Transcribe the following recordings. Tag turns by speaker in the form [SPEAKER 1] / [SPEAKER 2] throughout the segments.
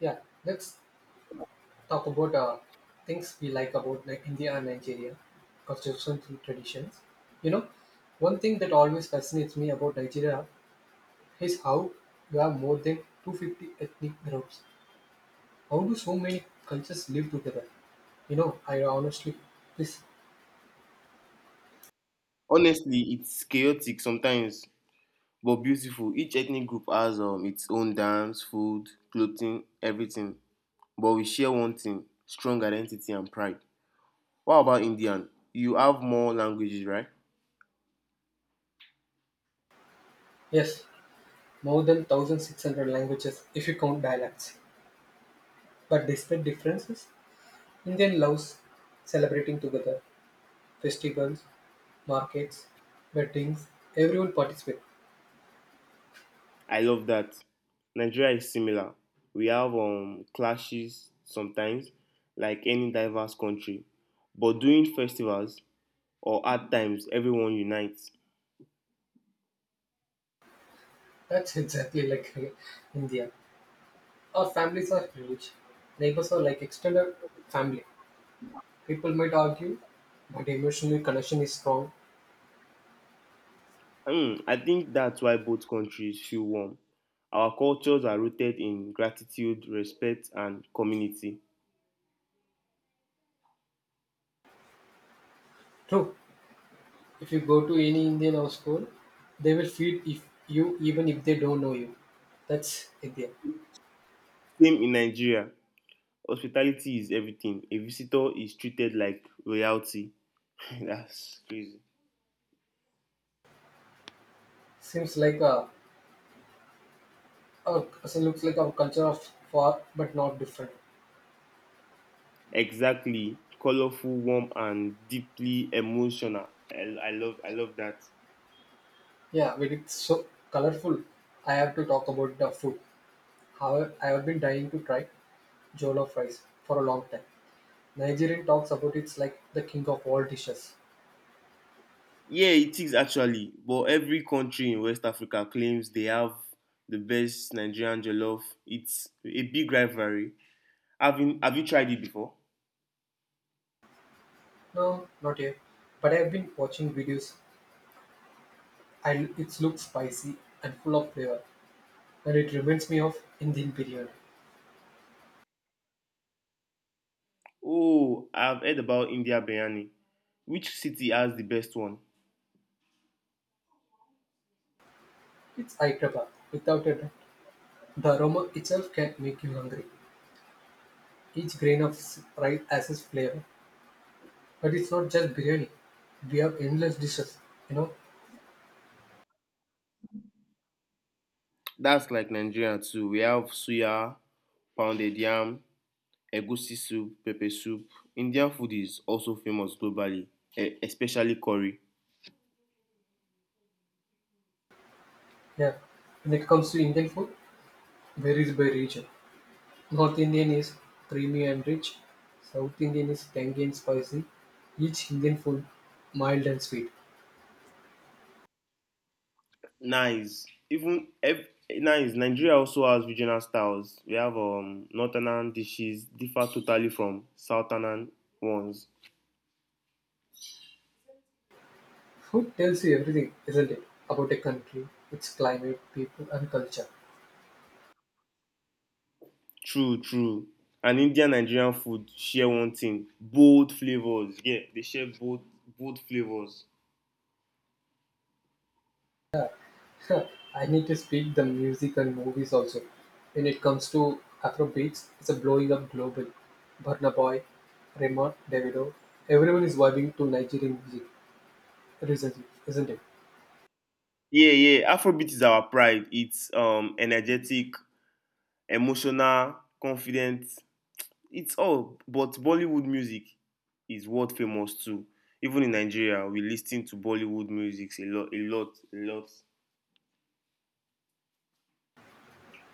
[SPEAKER 1] Yeah, let's talk about things we like about like India and Nigeria, construction and traditions. You know, one thing that always fascinates me about Nigeria is how you have more than 250 ethnic groups. How do so many cultures live together? You know, I honestly, this
[SPEAKER 2] Honestly, it's chaotic sometimes, but beautiful. Each ethnic group has its own dance, food, clothing, everything. But we share one thing strong identity and pride. What about Indian? You have more languages, right?
[SPEAKER 1] yes, more than 1,600 languages if you count dialects. But despite differences, Indian loves celebrating together, festivals, markets, weddings, everyone participates.
[SPEAKER 2] I love that. Nigeria is similar. We have clashes sometimes, like any diverse country. But during festivals or hard times, everyone unites.
[SPEAKER 1] That's exactly like India. Our families are huge. Neighbors are like extended family. People might argue, but emotional connection is strong.
[SPEAKER 2] I think that's why both countries feel warm. Our cultures are rooted in gratitude, respect, and community.
[SPEAKER 1] True. If you go to any Indian household, they will feed if you even if they don't know you. That's India.
[SPEAKER 2] Same in Nigeria, hospitality is everything. A visitor is treated like royalty. That's crazy.
[SPEAKER 1] Seems like a, our so looks like our culture of far but not different.
[SPEAKER 2] Exactly, colorful, warm, and deeply emotional. I love that.
[SPEAKER 1] Yeah, but it's so colorful. I have to talk about the food. However, I have been dying to try jollof rice for a long time. Nigerian talks about it's like the king of all dishes.
[SPEAKER 2] Yeah, it is actually. But every country in West Africa claims they have the best Nigerian jollof. It's a big rivalry. Have you tried it before?
[SPEAKER 1] No, not yet. But I've been watching videos, and it looks spicy and full of flavor. And it reminds me of Indian biryani.
[SPEAKER 2] Oh, I've heard about India biryani. Which city has the best one?
[SPEAKER 1] It's Hyderabad. Without a doubt. The aroma itself can make you hungry. Each grain of rice has its flavor. But it's not just biryani. We have endless dishes, you know?
[SPEAKER 2] That's like Nigeria too. We have suya, pounded yam, egusi soup, pepper soup. Indian food is also famous globally, especially curry.
[SPEAKER 1] Yeah. When it comes to Indian food, varies by region. North Indian is creamy and rich. South Indian is tangy and spicy. Each Indian food mild and sweet.
[SPEAKER 2] Nice. Nice. Nigeria also has regional styles. We have northern dishes differ totally from southern ones.
[SPEAKER 1] Food tells you everything, isn't it? About a country, its climate, people, and culture.
[SPEAKER 2] True, and Indian Nigerian food share one thing bold flavors. Yeah, they share bold flavors.
[SPEAKER 1] I need to speak the music and movies also. When it comes to Afro beats, it's a blowing up global. Burna Boy, Raymond, Davido, everyone is vibing to Nigerian music recently, isn't it?
[SPEAKER 2] Yeah, yeah, afrobeat is our pride. It's energetic, emotional, confident. It's all, but Bollywood music is world famous too. Even in Nigeria, we lis to Bollywood music a lot, a lot, a lot.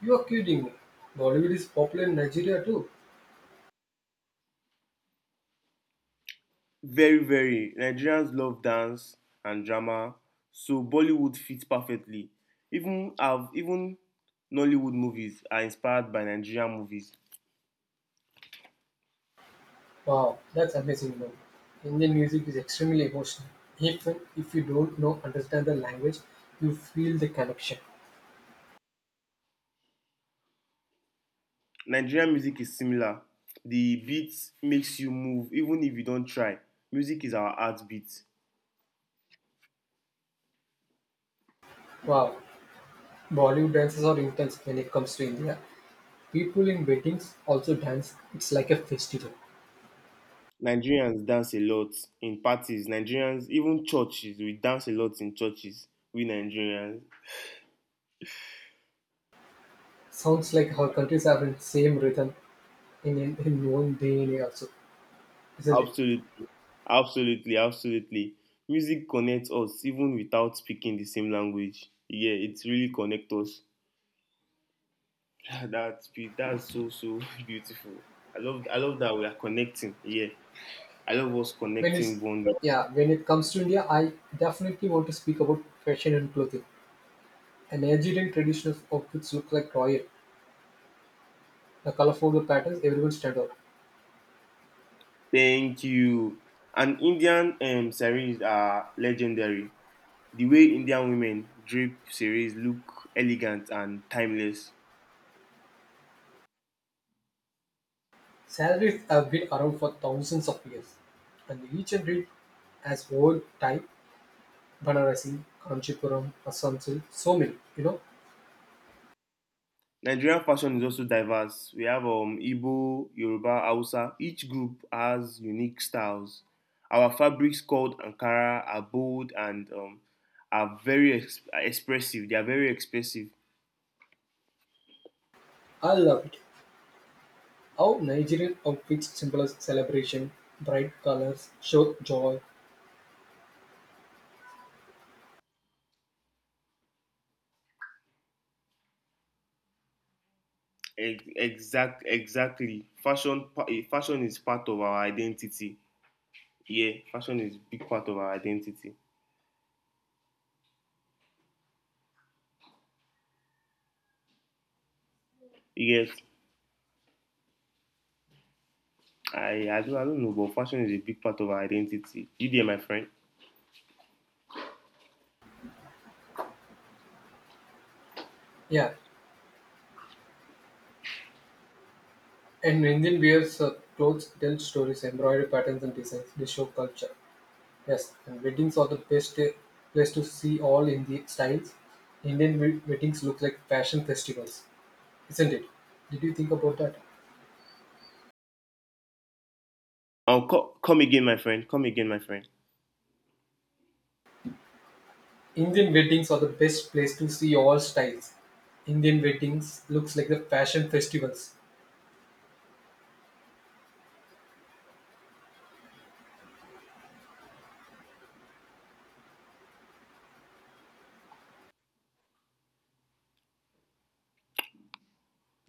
[SPEAKER 1] You are kidding me. Bollywood is popular in Nigeria too.
[SPEAKER 2] Very, very. Nigerians love dance and drama, so Bollywood fits perfectly. Even Nollywood movies are inspired by Nigerian movies.
[SPEAKER 1] Wow, that's amazing man. Indian music is extremely emotional. Even if you don't know understand the language, you feel the connection.
[SPEAKER 2] Nigerian music is similar. The beat makes you move even if you don't try. Music is our heartbeat.
[SPEAKER 1] Wow, Bollywood dances are intense when it comes to India. People in weddings also dance. It's like a festival.
[SPEAKER 2] Nigerians dance a lot in parties. Nigerians, even churches, we dance a lot in churches. We Nigerians.
[SPEAKER 1] Sounds like our countries are in same rhythm in one DNA also, isn't it?
[SPEAKER 2] Absolutely, absolutely, absolutely. Music connects us even without speaking the same language. Yeah, it really connects us. Ah, that's so so beautiful. I love that we are connecting. Yeah, I love us
[SPEAKER 1] When
[SPEAKER 2] connecting
[SPEAKER 1] it's
[SPEAKER 2] bonding.
[SPEAKER 1] yeah, when it comes to India, I definitely want to speak about fashion and clothing. An Nigerian traditional outfits look like royal. The colorful patterns, everyone stand out.
[SPEAKER 2] Thank you. And Indian saris are legendary. The way Indian women drape saris look elegant and timeless.
[SPEAKER 1] Salaries have been around for thousands of years, and each and read as old type Banarasi, Kanchipuram, Asamsil, so many. You know,
[SPEAKER 2] Nigerian fashion is also diverse. We have Igbo, Yoruba, Hausa. Each group has unique styles. Our fabrics called Ankara are bold and are very expressive. They are very expressive.
[SPEAKER 1] I love it. How Nigerian outfits symbolize celebration, bright colors show joy.
[SPEAKER 2] Exactly. Fashion is part of our identity. Yeah, fashion is a big part of our identity. Yes, I don't know, but fashion is a big part of our identity. You there, my friend?
[SPEAKER 1] Yeah, and Indian wears clothes tell stories, embroidery patterns and designs. They show culture. Yes, and weddings are the best place to see all in the styles. Indian weddings look like fashion festivals, isn't it? Did you think about that?
[SPEAKER 2] Oh, come again, my friend. Come again, my friend.
[SPEAKER 1] Indian weddings are the best place to see all styles. Indian weddings looks like the fashion festivals.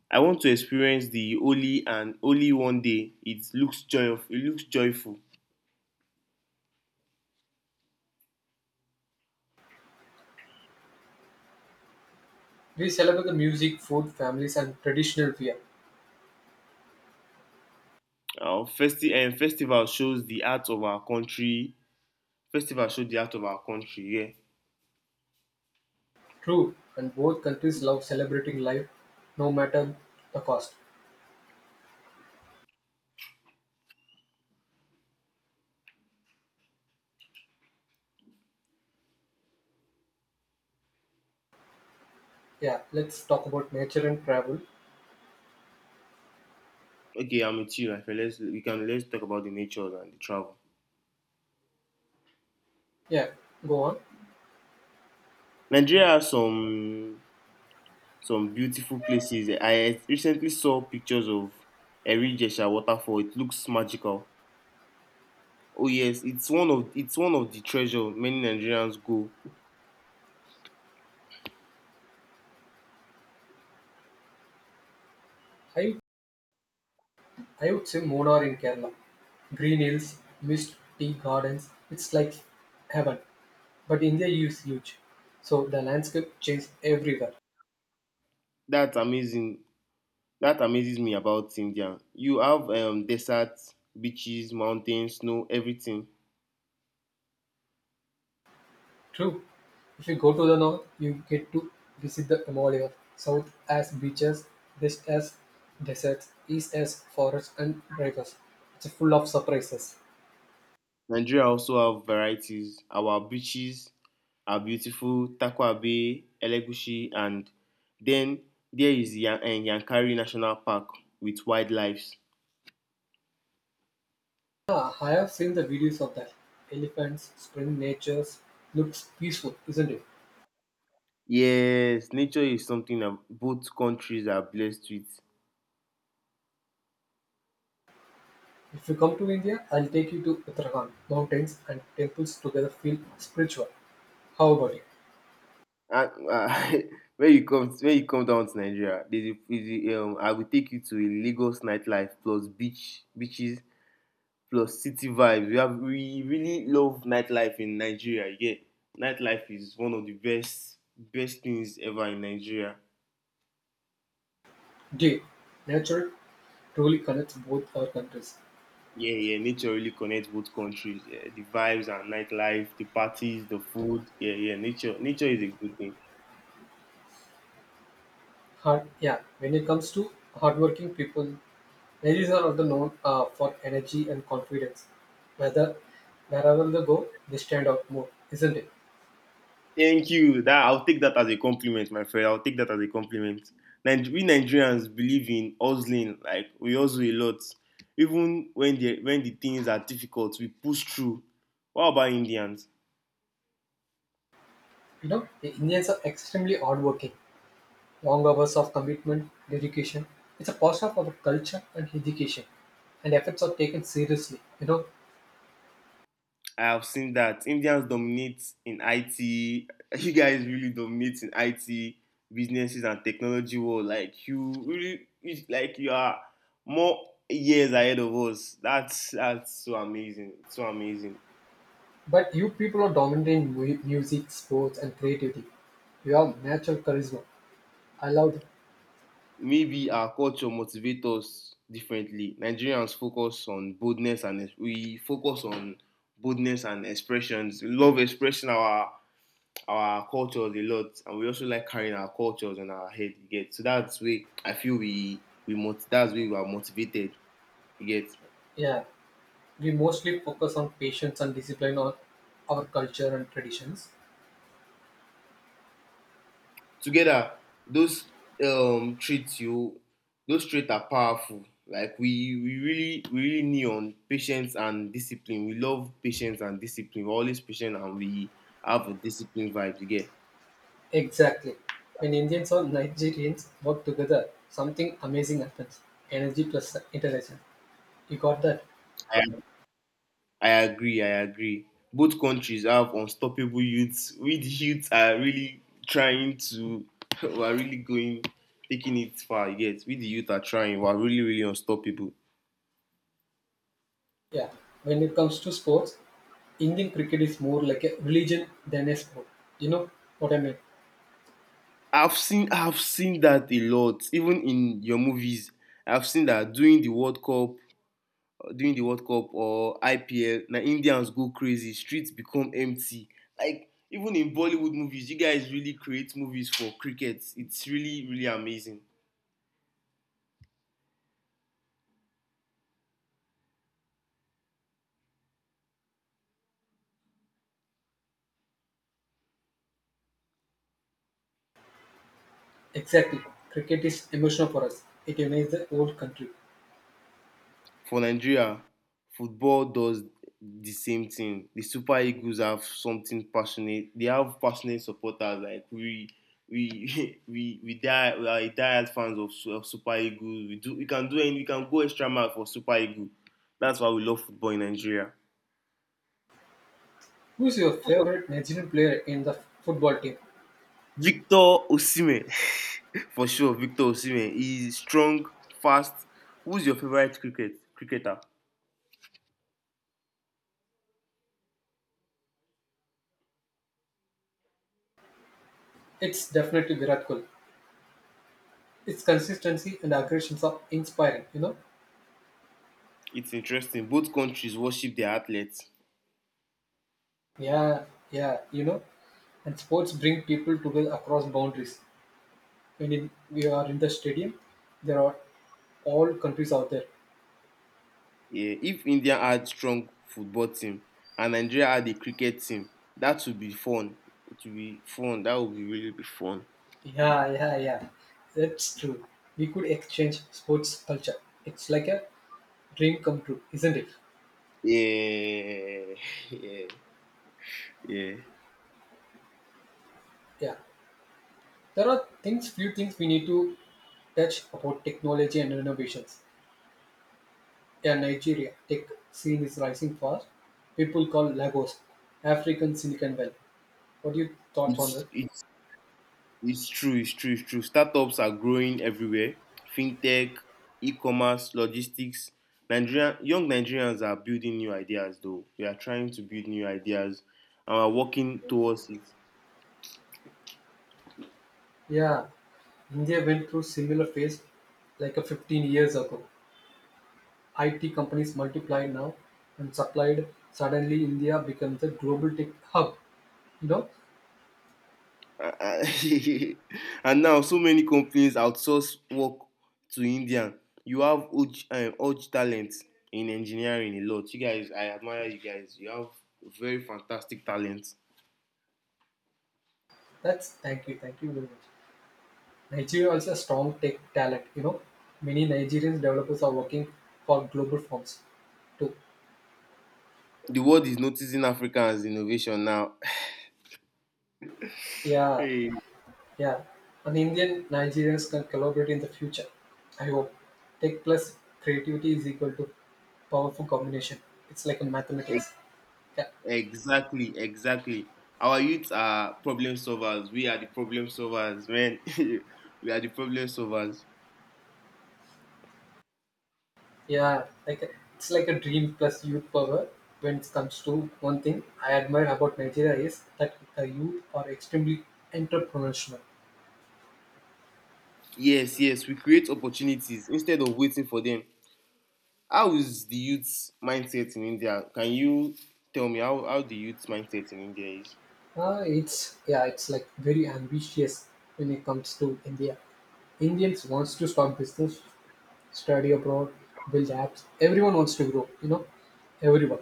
[SPEAKER 2] I want to experience the holy and only one day. It looks joyful. It looks joyful.
[SPEAKER 1] We celebrate the music, food, families and traditional wear.
[SPEAKER 2] And festival shows the art of our country. Festival shows the art of our country. Yeah.
[SPEAKER 1] True, and both countries love celebrating life no matter the cost. Yeah, let's talk about nature and travel.
[SPEAKER 2] Okay, I'm with you, my friend. Let's we can let's talk about the nature and the travel.
[SPEAKER 1] Yeah, go on.
[SPEAKER 2] Nigeria has some beautiful places. I recently saw pictures of Erigesha waterfall. It looks magical. Oh yes, it's one of the treasure many Nigerians go.
[SPEAKER 1] I I would say Munnar in Kerala. Green hills, mist, tea gardens. It's like heaven. But India is huge, so the landscape changes everywhere.
[SPEAKER 2] That's amazing. That amazes me about India. You have deserts, beaches, mountains, snow, everything.
[SPEAKER 1] True. If you go to the north, you get to visit the Himalaya, south as beaches, west as deserts, east as forests and rivers. It's full of surprises.
[SPEAKER 2] Nigeria also have varieties. Our beaches are beautiful, Takwa Bay, Elegushi, and then there is Yankari National Park with wildlife.
[SPEAKER 1] Ah, I have seen the videos of that. Elephants, spring natures, looks peaceful, isn't it?
[SPEAKER 2] Yes, nature is something that both countries are blessed with.
[SPEAKER 1] If you come to India, I'll take you to Uttarakhand. Mountains and temples together feel spiritual. How about it?
[SPEAKER 2] And when you come down to Nigeria, there's a, I will take you to a Lagos nightlife plus beaches plus city vibes. We really love nightlife in Nigeria. Yeah, nightlife is one of the best things ever in Nigeria.
[SPEAKER 1] D. Nature truly connects both our countries.
[SPEAKER 2] Yeah, yeah, nature really connects both countries. Yeah, the vibes and nightlife, the parties, the food. Yeah, yeah, nature is a good thing.
[SPEAKER 1] Hard, yeah. When it comes to hardworking people, ladies are also known for energy and confidence. Whether wherever they go, they stand out more, isn't it?
[SPEAKER 2] Thank you. That I'll take that as a compliment, my friend. I'll take that as a compliment. We Nigerians believe in hustling. Like we hustle a lot, even when the things are difficult, we push through. What about Indians?
[SPEAKER 1] You know, the Indians are extremely hardworking. Long hours of commitment, dedication. It's a part of our culture and education, and efforts are taken seriously. You know,
[SPEAKER 2] I've seen that Indians dominate in IT. You guys really dominate in IT businesses and technology world. Like you really, like you are more years ahead of us. That's so amazing, so amazing.
[SPEAKER 1] but you people are dominant in music, sports, and creativity. You have natural charisma. I love that.
[SPEAKER 2] Maybe our culture motivates us differently. Nigerians focus on boldness and we focus on boldness and expressions. We love expressing our cultures a lot, and we also like carrying our cultures on our head. You get, so that's way I feel that's way we are motivated. You get.
[SPEAKER 1] Yeah, we mostly focus on patience and discipline on our culture and traditions.
[SPEAKER 2] Together, those um traits you those traits are powerful. Like we really need on patience and discipline. We love patience and discipline. We're always patient and we have a discipline vibe. You get.
[SPEAKER 1] Exactly. When Indians or Nigerians work together, something amazing happens. Energy plus intelligence. You got that?
[SPEAKER 2] I agree, I agree. Both countries have unstoppable youths. We the youths are really trying to we are really going taking it far, yet. We the youth are trying, we are really, really unstoppable.
[SPEAKER 1] Yeah. When it comes to sports, Indian cricket is more like a religion than a sport. You know what I mean?
[SPEAKER 2] I've seen that a lot, even in your movies. I've seen that during the World Cup or IPL, na Indians go crazy, streets become empty. Like even in Bollywood movies, you guys really create movies for cricket. It's really, really amazing.
[SPEAKER 1] Exactly. Cricket is emotional for us. It unites the whole country.
[SPEAKER 2] For Nigeria, football does the same thing. The Super Eagles have something passionate. They have passionate supporters. Like we, we die. We are diehard fans of Super Eagles. We do. We can do any. We can go extra mile for Super Eagles. That's why we love football in Nigeria.
[SPEAKER 1] Who is your favorite Nigerian player in the football team?
[SPEAKER 2] Victor Osimhen, for sure. Victor Osimhen. He's strong, fast. Who's your favorite cricketer?
[SPEAKER 1] It's definitely Virat Kohli. Its consistency and aggressions are inspiring, you know?
[SPEAKER 2] It's interesting. Both countries worship their athletes.
[SPEAKER 1] Yeah, yeah, you know, and sports bring people together across boundaries. When in, we are in the stadium, there are all countries out there.
[SPEAKER 2] Yeah, if India had strong football team and Nigeria had a cricket team, that would be fun. It would be fun. That would be really be fun.
[SPEAKER 1] Yeah, yeah, yeah, that's true. We could exchange sports culture. It's like a dream come true, isn't it?
[SPEAKER 2] Yeah, yeah, yeah.
[SPEAKER 1] Yeah, there are things, few things we need to touch about technology and innovations. Yeah, Nigeria tech scene is rising fast. People call Lagos African Silicon Valley. What do you thought on
[SPEAKER 2] it's
[SPEAKER 1] it?
[SPEAKER 2] it's it's true, it's true, startups are growing everywhere. Fintech, e-commerce, logistics. Nigerian Young Nigerians are building new ideas, though we are trying to build new ideas, and we are working towards it.
[SPEAKER 1] Yeah, India went through similar phase like a 15 years ago. IT companies multiplied now and supplied. Suddenly, India becomes a global tech hub. You know,
[SPEAKER 2] uh, uh, and now so many companies outsource work to Indian. You have huge, huge talent in engineering a lot. You guys, I admire you guys. You have very fantastic talent.
[SPEAKER 1] that's thank you very much. Nigeria also a strong tech talent. You know, many Nigerian developers are working for global firms too.
[SPEAKER 2] The world is noticing Africa as innovation now.
[SPEAKER 1] Yeah,
[SPEAKER 2] Hey,
[SPEAKER 1] yeah. And Indian Nigerians can collaborate in the future. I hope tech plus creativity is equal to powerful combination. It's like a
[SPEAKER 2] e-
[SPEAKER 1] mathematics. Yeah,
[SPEAKER 2] exactly, exactly. Our youths are problem solvers. We are the problem solvers, man. We are the problem solvers.
[SPEAKER 1] yeah, like a, it's like a dream plus youth power. When it comes to one thing I admire about Nigeria is that the youth are extremely entrepreneurial.
[SPEAKER 2] Yes, yes, we create opportunities instead of waiting for them. How is the youth mindset in India? Can you tell me how the youth mindset in India is?
[SPEAKER 1] It's yeah, it's like very ambitious when it comes to India. Indians wants to start business, study abroad, build apps. Everyone wants to grow. You know, everyone.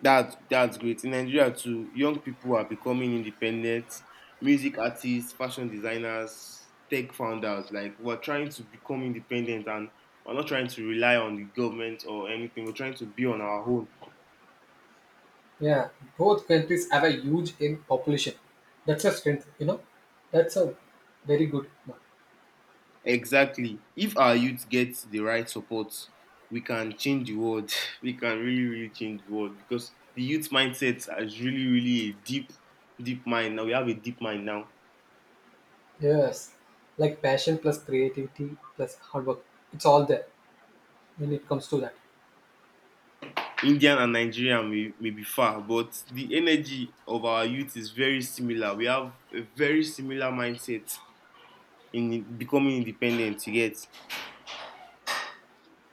[SPEAKER 2] That's great. In Nigeria too, young people are becoming independent, music artists, fashion designers, tech founders. Like we're trying to become independent and we're not trying to rely on the government or anything. We're trying to be on our own.
[SPEAKER 1] Yeah, both countries have a huge in population. That's a strength. You know, that's a very good. One.
[SPEAKER 2] Exactly. If our youth gets the right support, we can change the world. We can really, really change the world because the youth mindset is really, really a deep, deep mind. Now we have a deep mind now.
[SPEAKER 1] Yes, like passion plus creativity plus hard work, it's all there when it comes to that.
[SPEAKER 2] Indian and Nigerian may be far, but the energy of our youth is very similar. We have a very similar mindset in becoming independent. You get.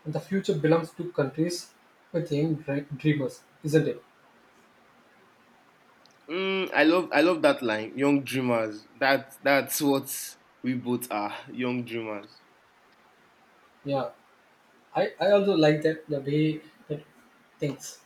[SPEAKER 1] And the future belongs to countries with young dreamers, isn't it?
[SPEAKER 2] I love that line. Young dreamers. That's what we both are. Young dreamers.
[SPEAKER 1] Yeah, I also like that the way that things.